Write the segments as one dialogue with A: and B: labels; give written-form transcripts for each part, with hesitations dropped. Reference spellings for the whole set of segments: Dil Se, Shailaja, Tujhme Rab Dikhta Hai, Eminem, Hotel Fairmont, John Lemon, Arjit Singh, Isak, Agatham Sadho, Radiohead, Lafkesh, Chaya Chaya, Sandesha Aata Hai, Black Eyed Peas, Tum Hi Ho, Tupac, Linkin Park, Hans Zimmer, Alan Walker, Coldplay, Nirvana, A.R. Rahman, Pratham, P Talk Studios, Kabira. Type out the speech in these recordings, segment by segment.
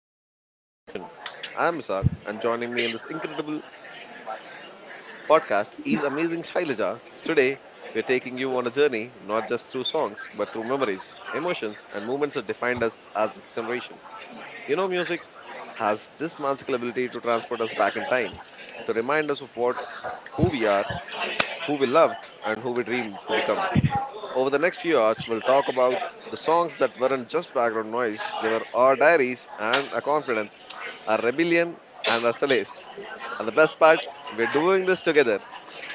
A: Music That Changed Our Generation. I'm Isak, and joining me in this incredible podcast is amazing Shailaja. Today, we're taking you on a journey not just through songs, but through memories, emotions, and moments that defined us as a generation. You know, music has this magical ability to transport us back in time, to remind us of what, who we are, who we loved, and who we dreamed to become. Over the next few hours, we'll talk about the songs that weren't just background noise, they were our diaries and our confidence, our rebellion and our solace. And the best part, we're doing this together,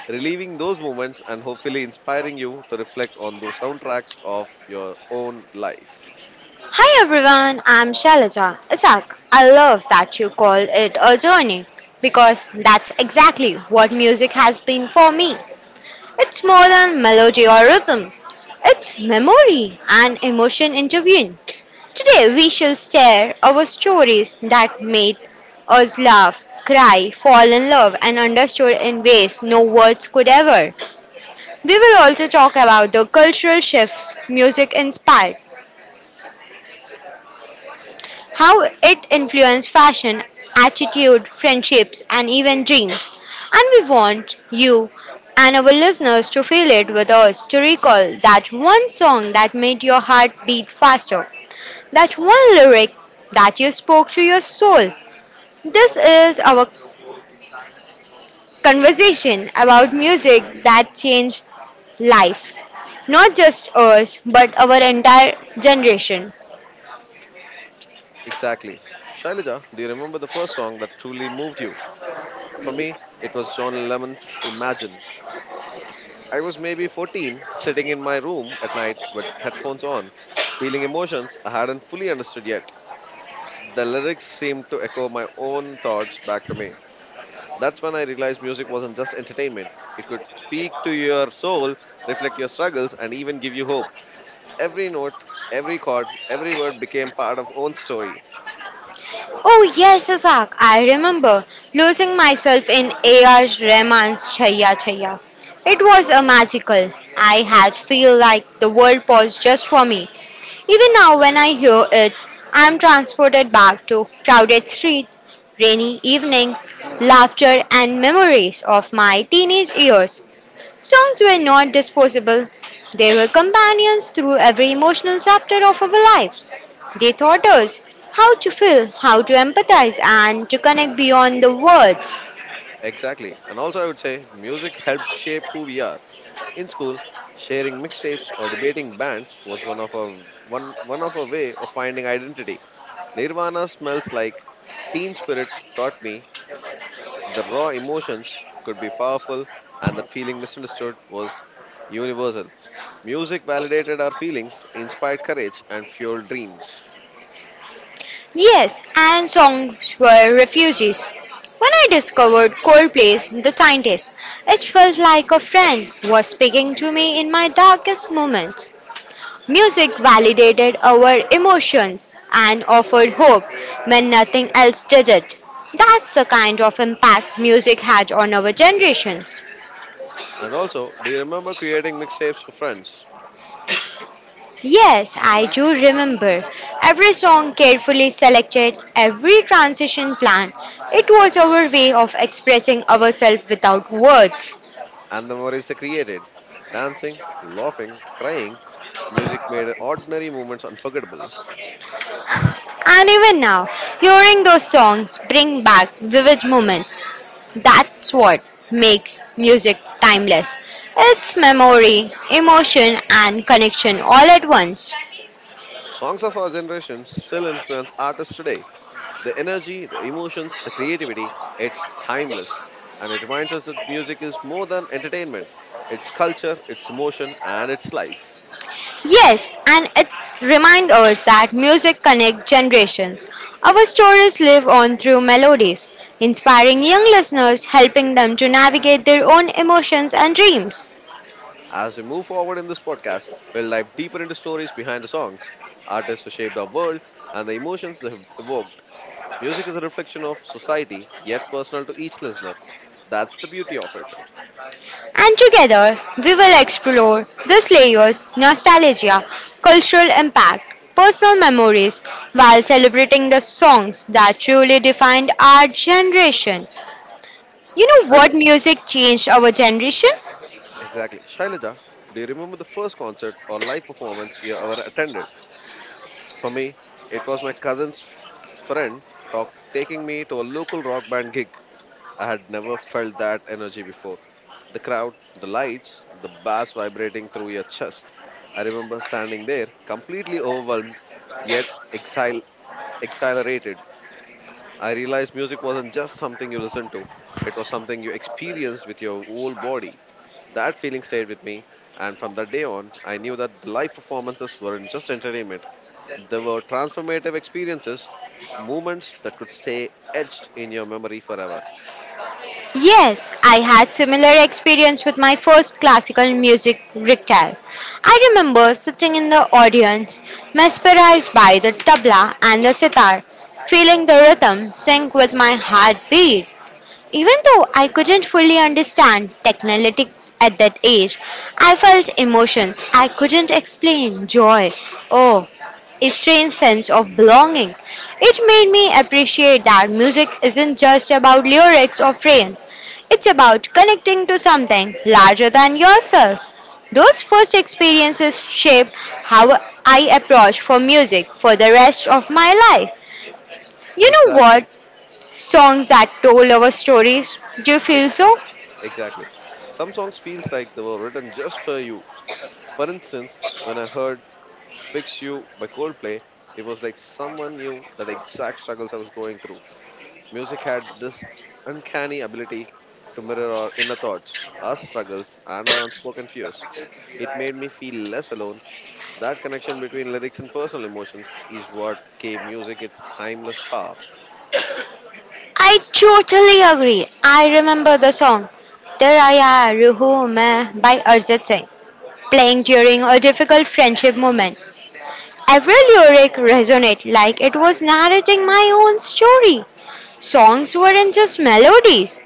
A: relieving those moments and hopefully inspiring you to reflect on those soundtracks of your own life.
B: Hi everyone, I'm Shalaja. Isak, I love that you call it a journey because that's exactly what music has been for me. It's more than melody or rhythm, it's memory and emotion intervened. Today we shall share our stories that made us laugh, cry, fall in love, and understood in ways no words could ever. We will also talk about the cultural shifts music inspired, how it influenced fashion, attitude, friendships, and even dreams. And we want you and our listeners to feel it with us, to recall that one song that made your heart beat faster, that one lyric that you spoke to your soul. This is our conversation about music that changed life, not just us, but our entire generation.
A: Exactly. Shailaja, do you remember the first song that truly moved you? For me, it was John Lemon's Imagine. I was maybe 14, sitting in my room at night with headphones on, feeling emotions I hadn't fully understood yet. The lyrics seemed to echo my own thoughts back to me. That's when I realized music wasn't just entertainment. It could speak to your soul, reflect your struggles, and even give you hope. Every note, every chord, every word became part of own story.
B: Oh yes, Isaac, I remember losing myself in A.R. Rahman's Chaya Chaya. It was a magical. I had feel like the world paused just for me. Even now when I hear it, I'm transported back to crowded streets, rainy evenings, laughter and memories of my teenage years. Songs were not disposable. They were companions through every emotional chapter of our lives. They taught us how to feel, how to empathize, and to connect beyond the words.
A: Exactly. And also I would say music helped shape who we are. In school, sharing mixtapes or debating bands was one of our way of finding identity. Nirvana smells like teen spirit taught me the raw emotions could be powerful and that feeling misunderstood was universal. Music validated our feelings, inspired courage, and fueled dreams.
B: Yes, and songs were refuges. When I discovered Coldplay's The Scientist, it felt like a friend was speaking to me in my darkest moments. Music validated our emotions and offered hope when nothing else did it. That's the kind of impact music had on our generations.
A: And also, do you remember creating mixtapes for friends
B: Yes, I do remember. Every song carefully selected, every transition planned. It was our way of expressing ourselves without words.
A: and the memories they created? Dancing, laughing, crying, music made ordinary moments unforgettable.
B: And even now, hearing those songs bring back vivid moments. That's what makes music timeless. It's memory, emotion, and connection all at once.
A: Songs of our generation still influence artists today. The energy, the emotions, the creativity, it's timeless. And it reminds us that music is more than entertainment. It's culture, it's emotion, and it's life.
B: Yes, and it reminds us that music connects generations. Our stories live on through melodies, inspiring young listeners, helping them to navigate their own emotions and dreams.
A: As we move forward in this podcast, we'll dive deeper into stories behind the songs, artists who shaped our world, and the emotions they have evoked. Music is a reflection of society, yet personal to each listener. That's the beauty of it.
B: And together we will explore these layers, nostalgia, cultural impact, personal memories, while celebrating the songs that truly defined our generation. You know what
A: Shaila,
B: music changed our generation?
A: exactly. Shailaja, do you remember the first concert or live performance you ever attended? For me, it was my cousin's friend taking me to a local rock band gig. I had never felt that energy before. The crowd, the lights, the bass vibrating through your chest. I remember standing there, completely overwhelmed, yet exil- exhilarated. I realized music wasn't just something you listened to, it was something you experienced with your whole body. That feeling stayed with me, and from that day on, I knew that the live performances weren't just entertainment, they were transformative experiences, moments that could stay etched in your memory forever.
B: Yes, I had similar experience with my first classical music recital. I remember sitting in the audience, mesmerized by the tabla and the sitar, feeling the rhythm sync with my heartbeat. Even though I couldn't fully understand technalytics at that age, I felt emotions I couldn't explain, joy, awe, a strange sense of belonging. It made me appreciate that music isn't just about lyrics or frame, it's about connecting to something larger than yourself. Those first experiences shaped how I approach for music for the rest of my life. You know what?
A: Exactly.
B: Songs that told our stories. Do you
A: Ex-
B: feel so?
A: Exactly. Some songs feels like they were written just for you. For instance, when I heard Fix You by Coldplay, it was like someone knew that exact struggles I was going through. Music had this uncanny ability to mirror our inner thoughts, our struggles, and our unspoken fears. It made me feel less alone. That connection between lyrics and personal emotions is what gave music its timeless power.
B: I totally agree. I remember the song "Tera yaar, Ruhu Main" by Arjit Singh playing during a difficult friendship moment. Every lyric resonated like it was narrating my own story. Songs weren't just melodies,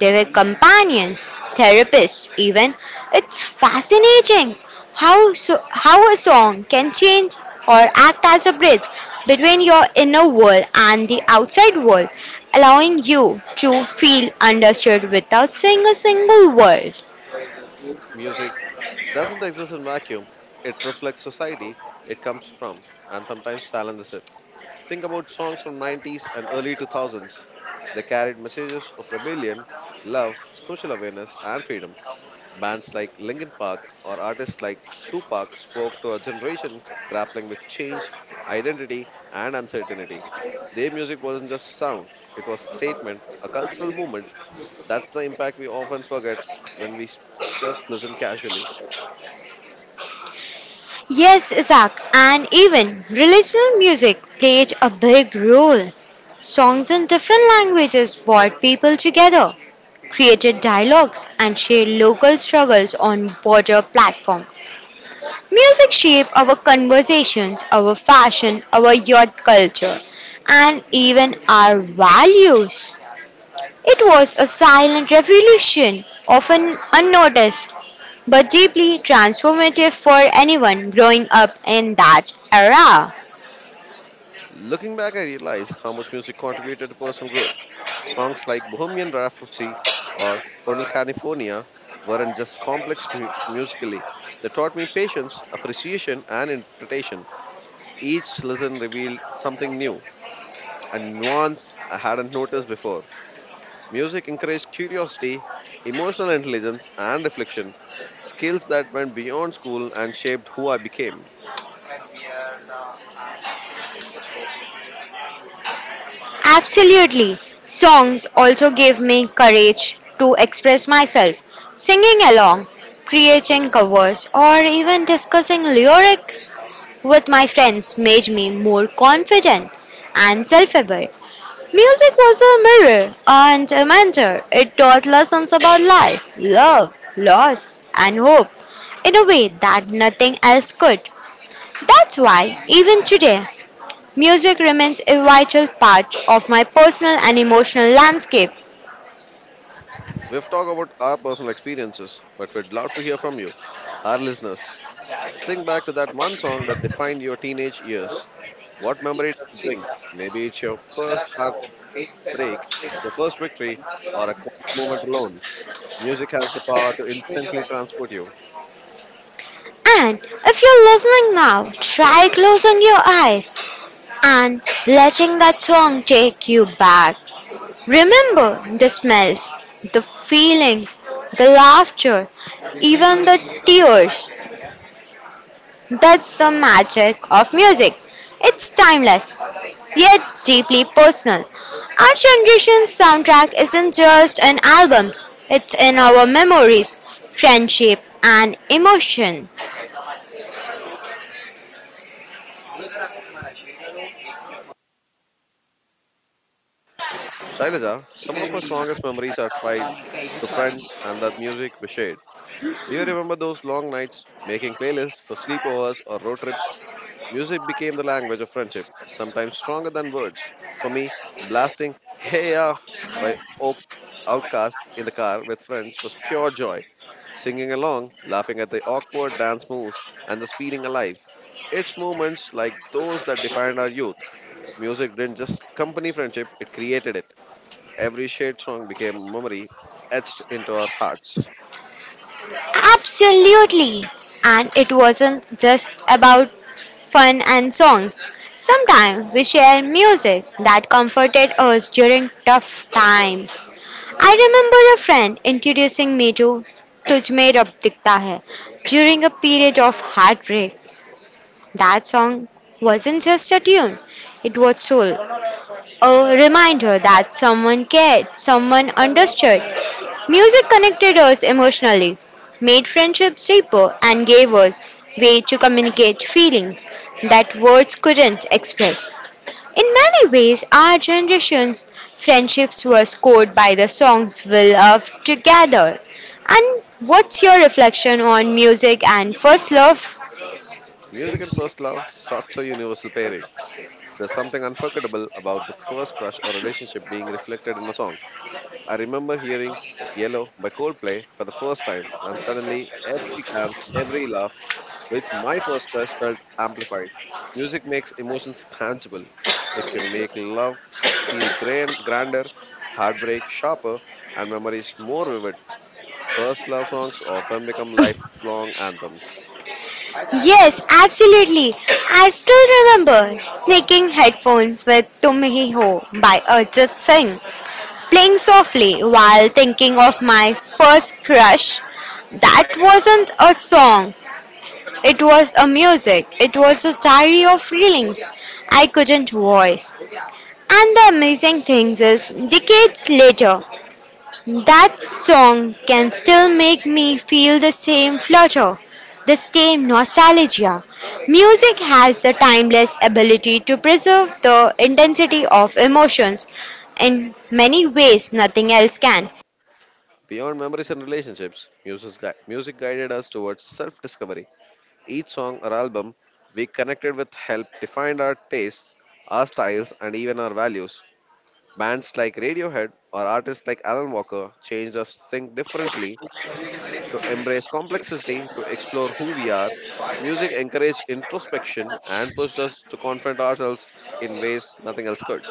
B: they were companions, therapists, even. It's fascinating how a song can change or act as a bridge between your inner world and the outside world, allowing you to feel understood without saying a single word.
A: Music doesn't exist in vacuum. It reflects society it comes from and sometimes silences it. Think about songs from '90s and early 2000s. They carried messages of rebellion, love, social awareness and freedom. Bands like Linkin Park or artists like Tupac spoke to a generation grappling with change, identity, and uncertainty. Their music wasn't just sound, it was statement, a cultural movement. That's the impact we often forget when just listen casually.
B: Yes, Isaac, and even religious music played a big role. Songs in different languages brought people together, created dialogues, and shared local struggles on border platform. Music shaped our conversations, our fashion, our youth culture, and even our values. It was a silent revolution, often unnoticed, but deeply transformative for anyone growing up in that era.
A: Looking back, I realize how much music contributed to personal growth. Songs like Bohemian Rhapsody or Hotel California weren't just complex musically. They taught me patience, appreciation, and interpretation. Each lesson revealed something new, a nuance I hadn't noticed before. Music encouraged curiosity, emotional intelligence, and reflection, skills that went beyond school and shaped who I became.
B: Absolutely. Songs also gave me courage to express myself. Singing along, creating covers, or even discussing lyrics with my friends made me more confident and self aware. Music was a mirror and a mentor. It taught lessons about life, love, loss, and hope in a way that nothing else could. That's why, even today, music remains a vital part of my personal and emotional landscape.
A: We've talked about our personal experiences, but we'd love to hear from you, our listeners. Think back to that one song that defined your teenage years. What memory does it bring? Maybe it's your first heartbreak, your first victory, or a quiet moment alone. Music has the power to instantly transport you.
B: And if you're listening now, try closing your eyes and letting that song take you back. Remember the smells, the feelings, the laughter, even the tears. That's the magic of music. It's timeless, yet deeply personal. Our generation's soundtrack isn't just in albums, it's in our memories, friendship, and emotion.
A: Shailaja, some of my strongest memories are tied to friends and that music we shared. Do you remember those long nights making playlists for sleepovers or road trips? Music became the language of friendship, sometimes stronger than words. For me, blasting Hey Ya by Outcast in the car with friends was pure joy. Singing along, laughing at the awkward dance moves, and just feeling alive. It's moments like those that defined our youth. Music didn't just accompany friendship, it created it. Every shared song became a memory etched into our hearts.
B: Absolutely. And it wasn't just about fun and songs. Sometimes we shared music that comforted us during tough times. I remember a friend introducing me to Tujhme Rab Dikhta Hai during a period of heartbreak. That song wasn't just a tune, it was soul, a reminder that someone cared, someone understood. Music connected us emotionally, made friendships deeper, and gave us way to communicate feelings that words couldn't express. In many ways, our generation's friendships were scored by the songs we loved together. And what's your reflection on music and first love?
A: Music and first love, such a universal pairing. There's something unforgettable about the first crush or relationship being reflected in a song. I remember hearing Yellow by Coldplay for the first time, and suddenly every glance, every laugh with my first crush felt amplified. Music makes emotions tangible. It can make love feel grand, grander, heartbreak sharper, and memories more vivid. First love songs often become lifelong anthems.
B: Yes, absolutely. I still remember sneaking headphones with Tum Hi Ho by Arjit Singh, playing softly while thinking of my first crush. That wasn't a song, it was a music, it was a diary of feelings I couldn't voice. And the amazing thing is, decades later, that song can still make me feel the same flutter, the same nostalgia. Music has the timeless ability to preserve the intensity of emotions in many ways nothing else can.
A: Beyond memories and relationships, music guided us towards self discovery. Each song or album we connected with helped define our tastes, our styles, and even our values. Bands like Radiohead or artists like Alan Walker changed us to think differently, to embrace complexity, to explore who we are. Music encouraged introspection and pushed us to confront ourselves in ways nothing else could.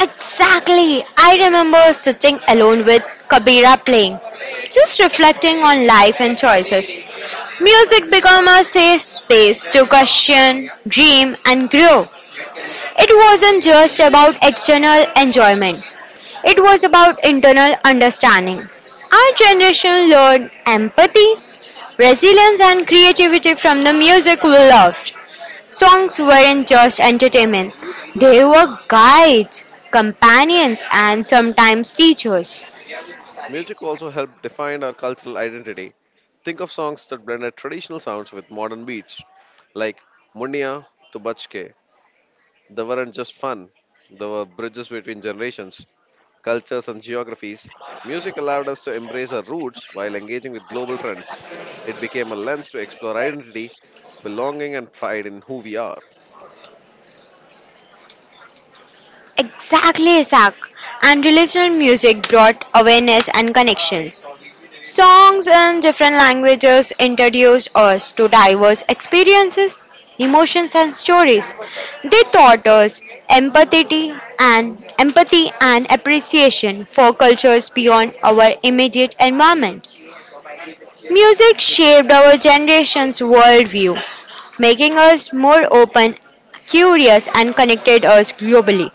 B: Exactly. I remember sitting alone with Kabira playing, just reflecting on life and choices. Music became a safe space to question, dream, and grow. It wasn't just about external enjoyment, it was about internal understanding. Our generation learned empathy, resilience, and creativity from the music we loved. Songs weren't just entertainment, they were guides, companions, and sometimes teachers.
A: Music also helped define our cultural identity. Think of songs that blended traditional sounds with modern beats, like Munniya to Bachke. They weren't just fun, they were bridges between generations, cultures, and geographies. Music allowed us to embrace our roots while engaging with global trends. It became a lens to explore identity, belonging, and pride in who we are.
B: Exactly, Isaac. And relational music brought awareness and connections. Songs in different languages introduced us to diverse experiences, emotions, and stories. They taught us empathy and appreciation for cultures beyond our immediate environment. Music shaped our generation's worldview, making us more open, curious, and connected us globally.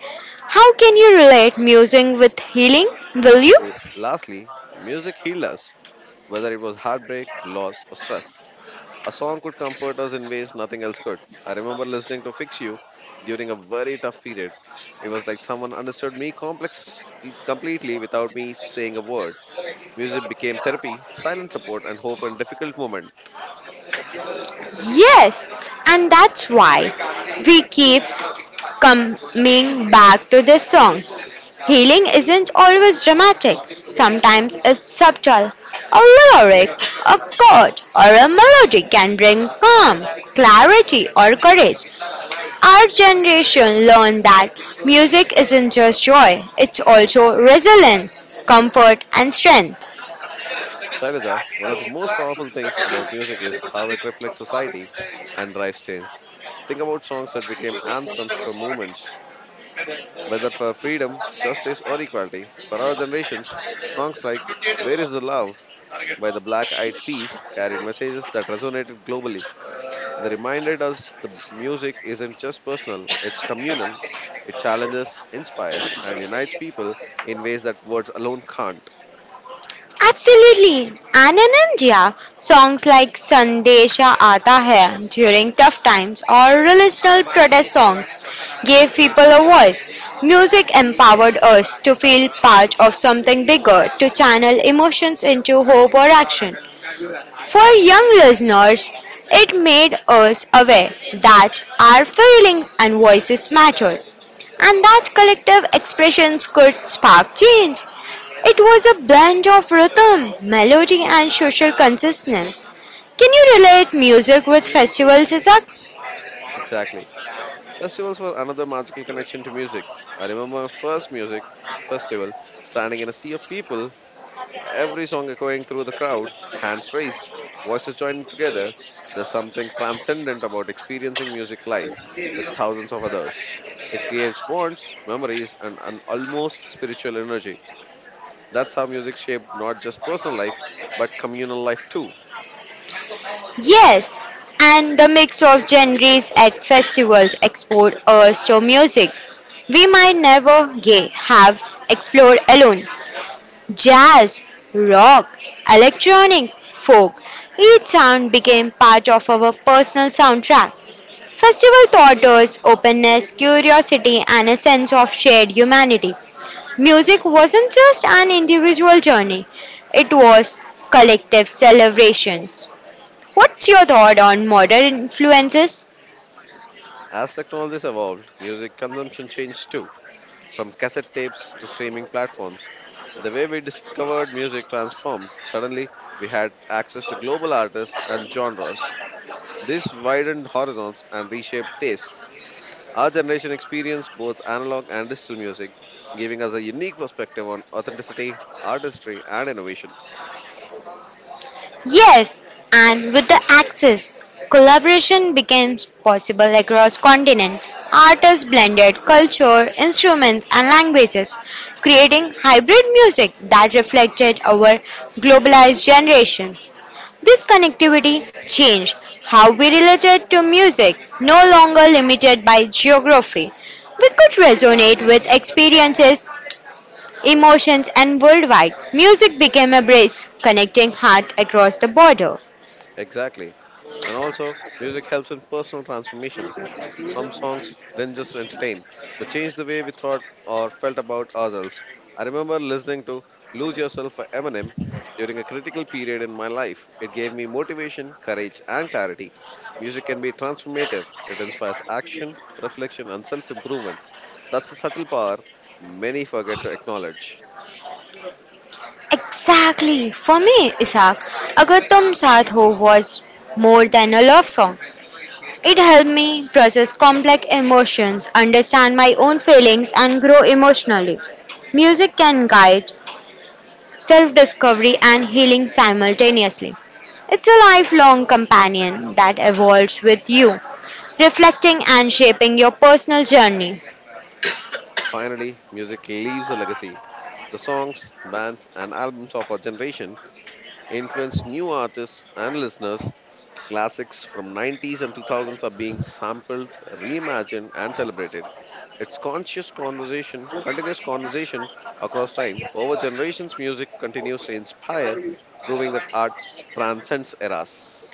B: How can you relate music with healing? Will you?
A: Lastly, music healed us, whether it was heartbreak, loss, or stress. A song could comfort us in ways nothing else could. I remember listening to Fix You during a very tough period. It was like someone understood me complex completely without me saying a word. Music became therapy, silent support, and hope in difficult moments.
B: Yes, and that's why we keep coming back to these songs. Healing isn't always dramatic, sometimes it's subtle. A lyric, a chord, or a melody can bring calm, clarity, or courage. Our generation learned that music isn't just joy, it's also resilience, comfort, and strength.
A: Shailaja, one of the most powerful things about music is how it reflects society and drives change. Think about songs that became anthems for movements, whether for freedom, justice, or equality. For our generations, songs like Where is the Love by the Black Eyed Peas carried messages that resonated globally. They reminded us the music isn't just personal, it's communal. It challenges, inspires, and unites people in ways that words alone can't.
B: Absolutely. And in India, songs like Sandesha Aata Hai during tough times or relational protest songs gave people a voice. Music empowered us to feel part of something bigger, to channel emotions into hope or action. For young listeners, it made us aware that our feelings and voices mattered and that collective expressions could spark change. It was a blend of rhythm, melody, and social consciousness. Can you relate music with festivals, Isak?
A: Exactly. Festivals were another magical connection to music. I remember my first music festival standing in a sea of people every song echoing through the crowd, hands raised, voices joining together. There's something transcendent about experiencing music live with thousands of others. It creates bonds, memories, and an almost spiritual energy. That's how music shaped not just personal life, but communal life too.
B: Yes, and the mix of genres at festivals export us to music we might never have explored alone. Jazz, rock, electronic, folk, each sound became part of our personal soundtrack. Festival taught us openness, curiosity, and a sense of shared humanity. Music wasn't just an individual journey, it was collective celebrations. What's your thought on modern influences?
A: As technologies evolved, music consumption changed too, from cassette tapes to streaming platforms. The way we discovered music transformed. Suddenly, we had access to global artists and genres. This widened horizons and reshaped tastes. Our generation experienced both analog and digital music, giving us a unique perspective on authenticity, artistry, and innovation.
B: Yes, and with the access, collaboration became possible across continents. Artists blended culture, instruments, and languages, creating hybrid music that reflected our globalized generation. This connectivity changed how we related to music, no longer limited by geography. We could resonate with experiences, emotions, and worldwide. Music became a bridge connecting heart across the border.
A: Exactly. And also, music helps in personal transformation. Some songs didn't just entertain, they changed the way we thought or felt about ourselves. I remember listening to Lose Yourself by Eminem during a critical period in my life. It gave me motivation, courage, and clarity. Music can be transformative, it inspires action, reflection, and self improvement. That's a subtle power many forget to acknowledge.
B: Exactly. For me, Isaac, Agatham Sadho was more than a love song. It helped me process complex emotions, understand my own feelings, and grow emotionally. Music can guide self discovery and healing simultaneously. It's a lifelong companion that evolves with you, reflecting and shaping your personal journey.
A: Finally, music leaves a legacy. The songs, bands, and albums of our generation influence new artists and listeners. Classics from '90s and 2000s are being sampled, reimagined, and celebrated. It's conscious conversation, continuous conversation across time. Over generations, music continues to inspire, proving that art transcends eras.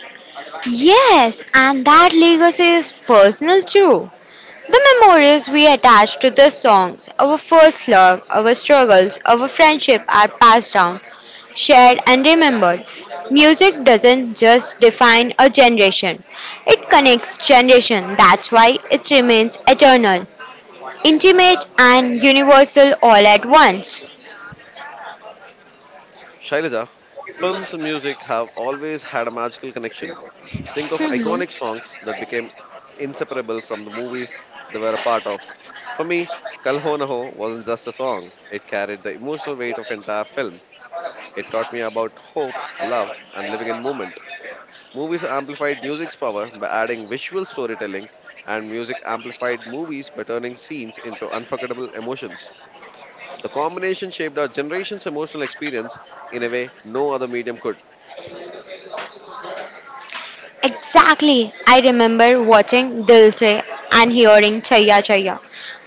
B: Yes, and that legacy is personal too. The memories we attach to the songs, our first love, our struggles, our friendship are passed down, shared, and remembered. Music doesn't just define a generation, it connects generation. That's why it remains eternal, intimate, and universal all at once.
A: Shailaja, films and music have always had a magical connection. Think of
B: Mhm.
A: iconic songs that became inseparable from the movies they were a part of. For me, Kal Ho Na Ho wasn't just a song, it carried the emotional weight of entire film. It taught me about hope, love, and living in moment. Movies amplified music's power by adding visual storytelling, and music amplified movies by turning scenes into unforgettable emotions. The combination shaped our generation's emotional experience in a way no other medium could.
B: Exactly. I remember watching Dil Se and hearing Chaya Chaya.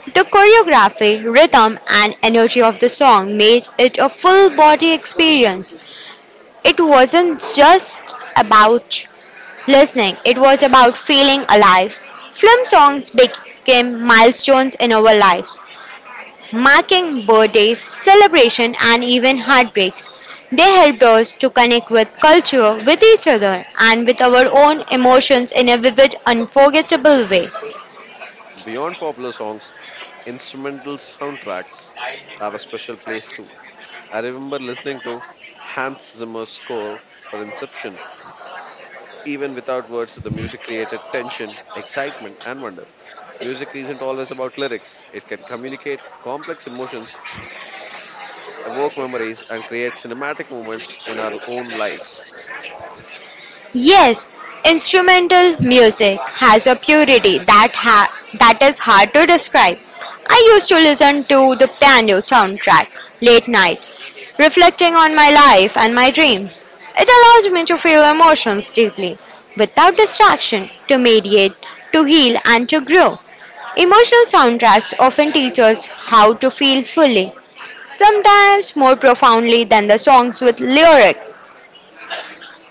B: The choreography, rhythm, and energy of the song made it a full body experience. It wasn't just about listening, it was about feeling alive. Film songs became milestones in our lives, marking birthdays, celebration, and even heartbreaks. They helped us to connect with culture, with each other, and with our own emotions in a vivid, unforgettable way.
A: Beyond popular songs, instrumental soundtracks have a special place too. I remember listening to Hans Zimmer's score for Inception. Even without words, the music created tension, excitement, and wonder. Music isn't always about lyrics. It can communicate complex emotions, evoke memories, and create cinematic moments in our own lives.
B: Yes, instrumental music has a purity that that is hard to describe. I used to listen to the piano soundtrack late night, reflecting on my life and my dreams. It allows me to feel emotions deeply, without distraction, to mediate, to heal, and to grow. Emotional soundtracks often teach us how to feel fully, sometimes more profoundly than the songs with lyric.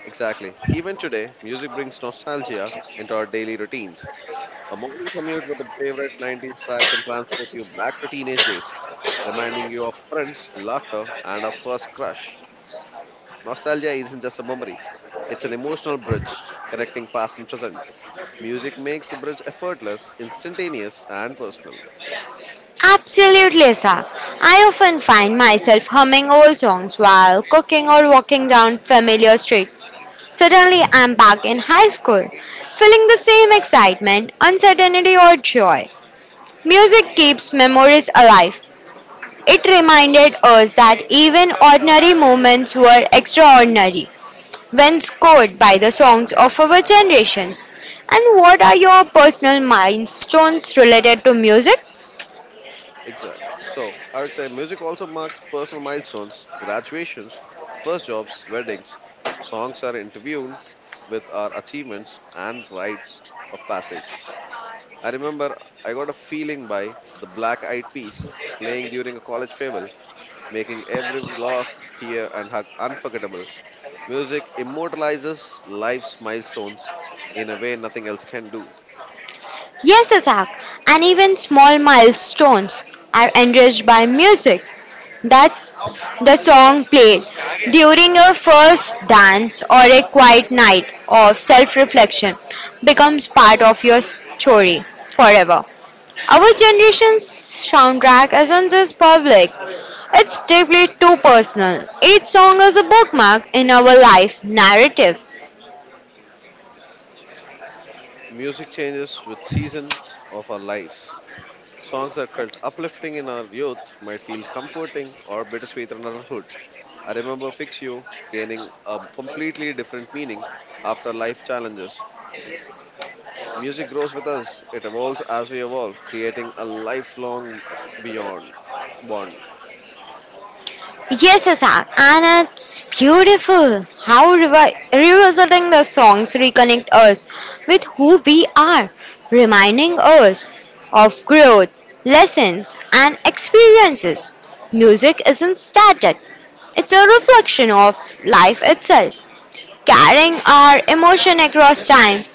A: Exactly. Even today, music brings nostalgia into our daily routines. A morning commute with a favorite '90s track can transport you back to teenage days, reminding you of friends, laughter, and a first crush. Nostalgia isn't just a memory, it's an emotional bridge connecting past and present. Music makes the bridge effortless, instantaneous, and personal.
B: Absolutely, Asak. I often find myself humming old songs while cooking or walking down familiar streets. Suddenly, I'm back in high school, feeling the same excitement, uncertainty, or joy. Music keeps memories alive. It reminded us that even ordinary moments were extraordinary when scored by the songs of our generations. And what are your personal milestones related to music?
A: Exact. So, I would say music also marks personal milestones, graduations, first jobs, weddings. Songs are intertwined with our achievements and rites of passage. I remember I Got a Feeling by the Black Eyed Peas playing during a college farewell, making every laugh, tear, and hug unforgettable. Music immortalizes life's milestones in a way nothing else can do.
B: Yes, Isaac, and even small milestones are enriched by music. That's the song played during a first dance or a quiet night of self reflection becomes part of your story forever. Our generation's soundtrack isn't just public, it's deeply too personal. Each song is a bookmark in our life narrative.
A: Music changes with seasons of our lives. Songs that felt uplifting in our youth might feel comforting or bittersweet in adulthood. I remember Fix You gaining a completely different meaning after life challenges. Music grows with us, it evolves as we evolve, creating a lifelong beyond bond.
B: Yes, Asak, and it's beautiful how revisiting the songs reconnect us with who we are, reminding us of growth, lessons, and experiences. Music isn't static, it's a reflection of life itself, carrying our emotion across time.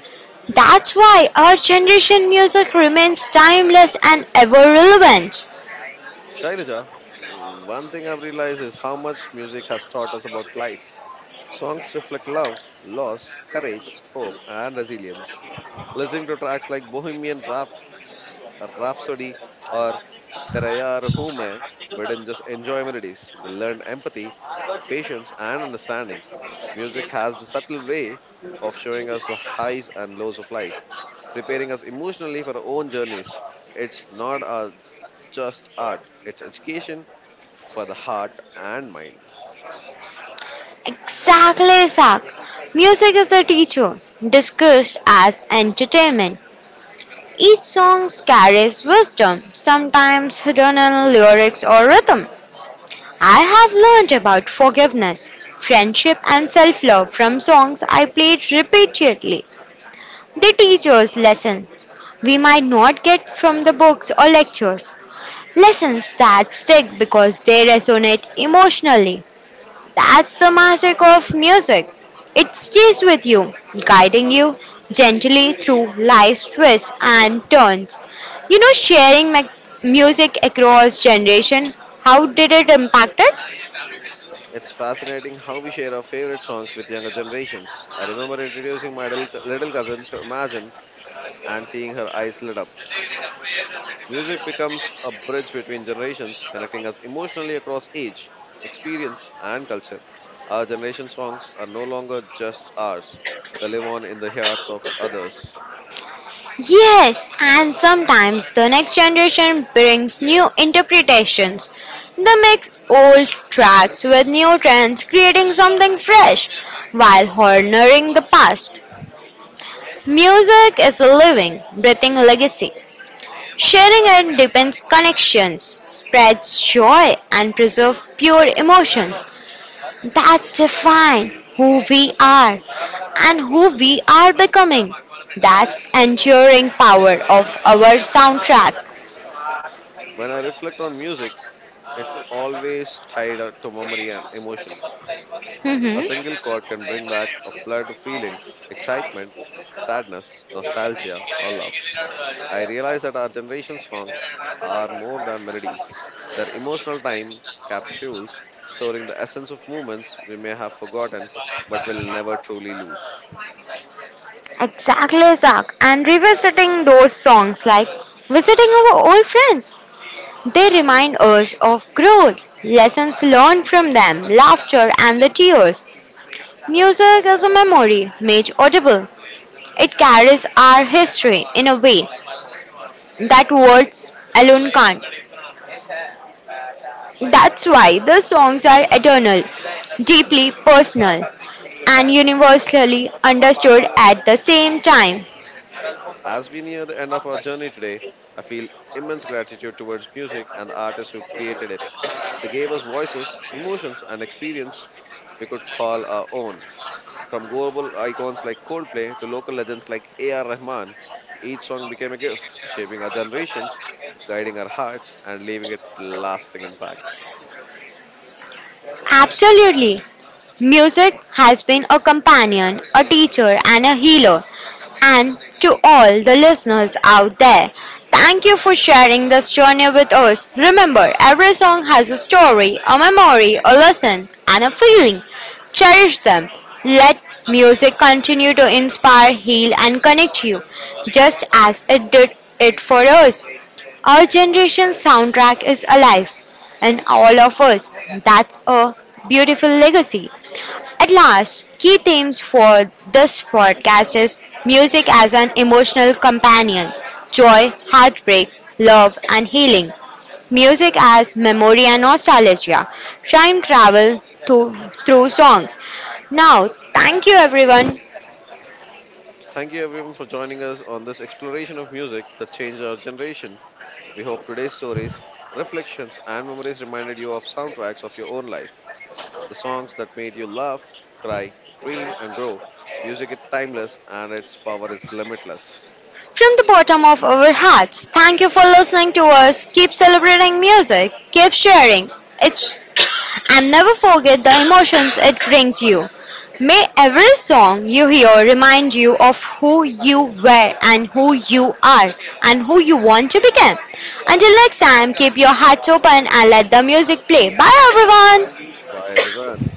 B: That's why our generation music remains timeless and ever relevant.
A: Shailaja, one thing I've realized is how much music has taught us about life. Songs reflect love, loss, courage, hope, and resilience. Listening to tracks like Rhapsody or Tera Yaar Hoon Main, we didn't just enjoy melodies, we learned empathy patience, and understanding. Music has the subtle way of showing us the highs and lows of life, preparing us emotionally for our own journeys. It's not just art, it's education for the heart and mind.
B: Exactly, Sak. Music is a teacher, discussed as entertainment. Each song carries wisdom, sometimes hidden in lyrics or rhythm. I have learned about forgiveness, friendship, and self love from songs I played repeatedly. They teach us lessons we might not get from the books or lectures. Lessons that stick because they resonate emotionally. That's the magic of music. It stays with you, guiding you gently through life's twists and turns. You know, sharing music across generation, how did it impact it?
A: It's fascinating how we share our favorite songs with younger generations. I remember introducing my little cousin to Imagine and seeing her eyes lit up. Music becomes a bridge between generations, connecting us emotionally across age, experience, and culture. Our generation songs are no longer just ours, they live on in the hearts of others.
B: Yes, and sometimes the next generation brings new interpretations. They mix old tracks with new trends, creating something fresh while honoring the past. Music is a living, breathing legacy. Sharing and deepens connections, spreads joy, and preserves pure emotions that define who we are and who we are becoming. That's enduring power of our soundtrack.
A: When I reflect on music, it's always tied up to memory and emotion. A
B: Mhm.
A: single chord can bring back a flood of feelings excitement, sadness, nostalgia, or love. I realize that our generation's songs are more than melodies. They're emotional time capsules storing the essence of moments we may have forgotten but will never truly lose.
B: Exactly, Zach. And revisiting those songs like visiting our old friends. They remind us of growth, lessons learned from them, laughter, and the tears. Music is a memory made audible. It carries our history in a way that words alone can't. That's why the songs are eternal, deeply personal, and universally understood at the same time.
A: As we near the end of our journey today, I feel immense gratitude towards music and the artists who created it. They gave us voices, emotions, and experience we could call our own. From global icons like Coldplay to local legends like A.R. Rahman, each song became a gift, shaping our generations, guiding our hearts, and leaving a lasting impact.
B: Absolutely. Music has been a companion, a teacher, and a healer. And to all the listeners out there, thank you for sharing this journey with us. Remember, every song has a story, a memory, a lesson, and a feeling. Cherish them. Let music continue to inspire, heal, and connect you, just as it did it for us. Our generation's soundtrack is alive, and all of us. That's a beautiful legacy. At last, key themes for this podcast is music as an emotional companion, joy, heartbreak, love, and healing. Music as memory and nostalgia, time travel through, through songs. Now, thank you everyone.
A: Thank you everyone for joining us on this exploration of music that changed our generation. We hope today's stories, reflections, and memories reminded you of soundtracks of your own life, the songs that made you laugh, cry, dream, and grow. Music is timeless and its power is limitless.
B: From the bottom of our hearts, thank you for listening to us. Keep celebrating music, keep sharing it, and never forget the emotions it brings you. May every song you hear remind you of who you were and who you are and who you want to become. Until next time, keep your hearts open and let the music play. Bye everyone!
A: Bye everyone.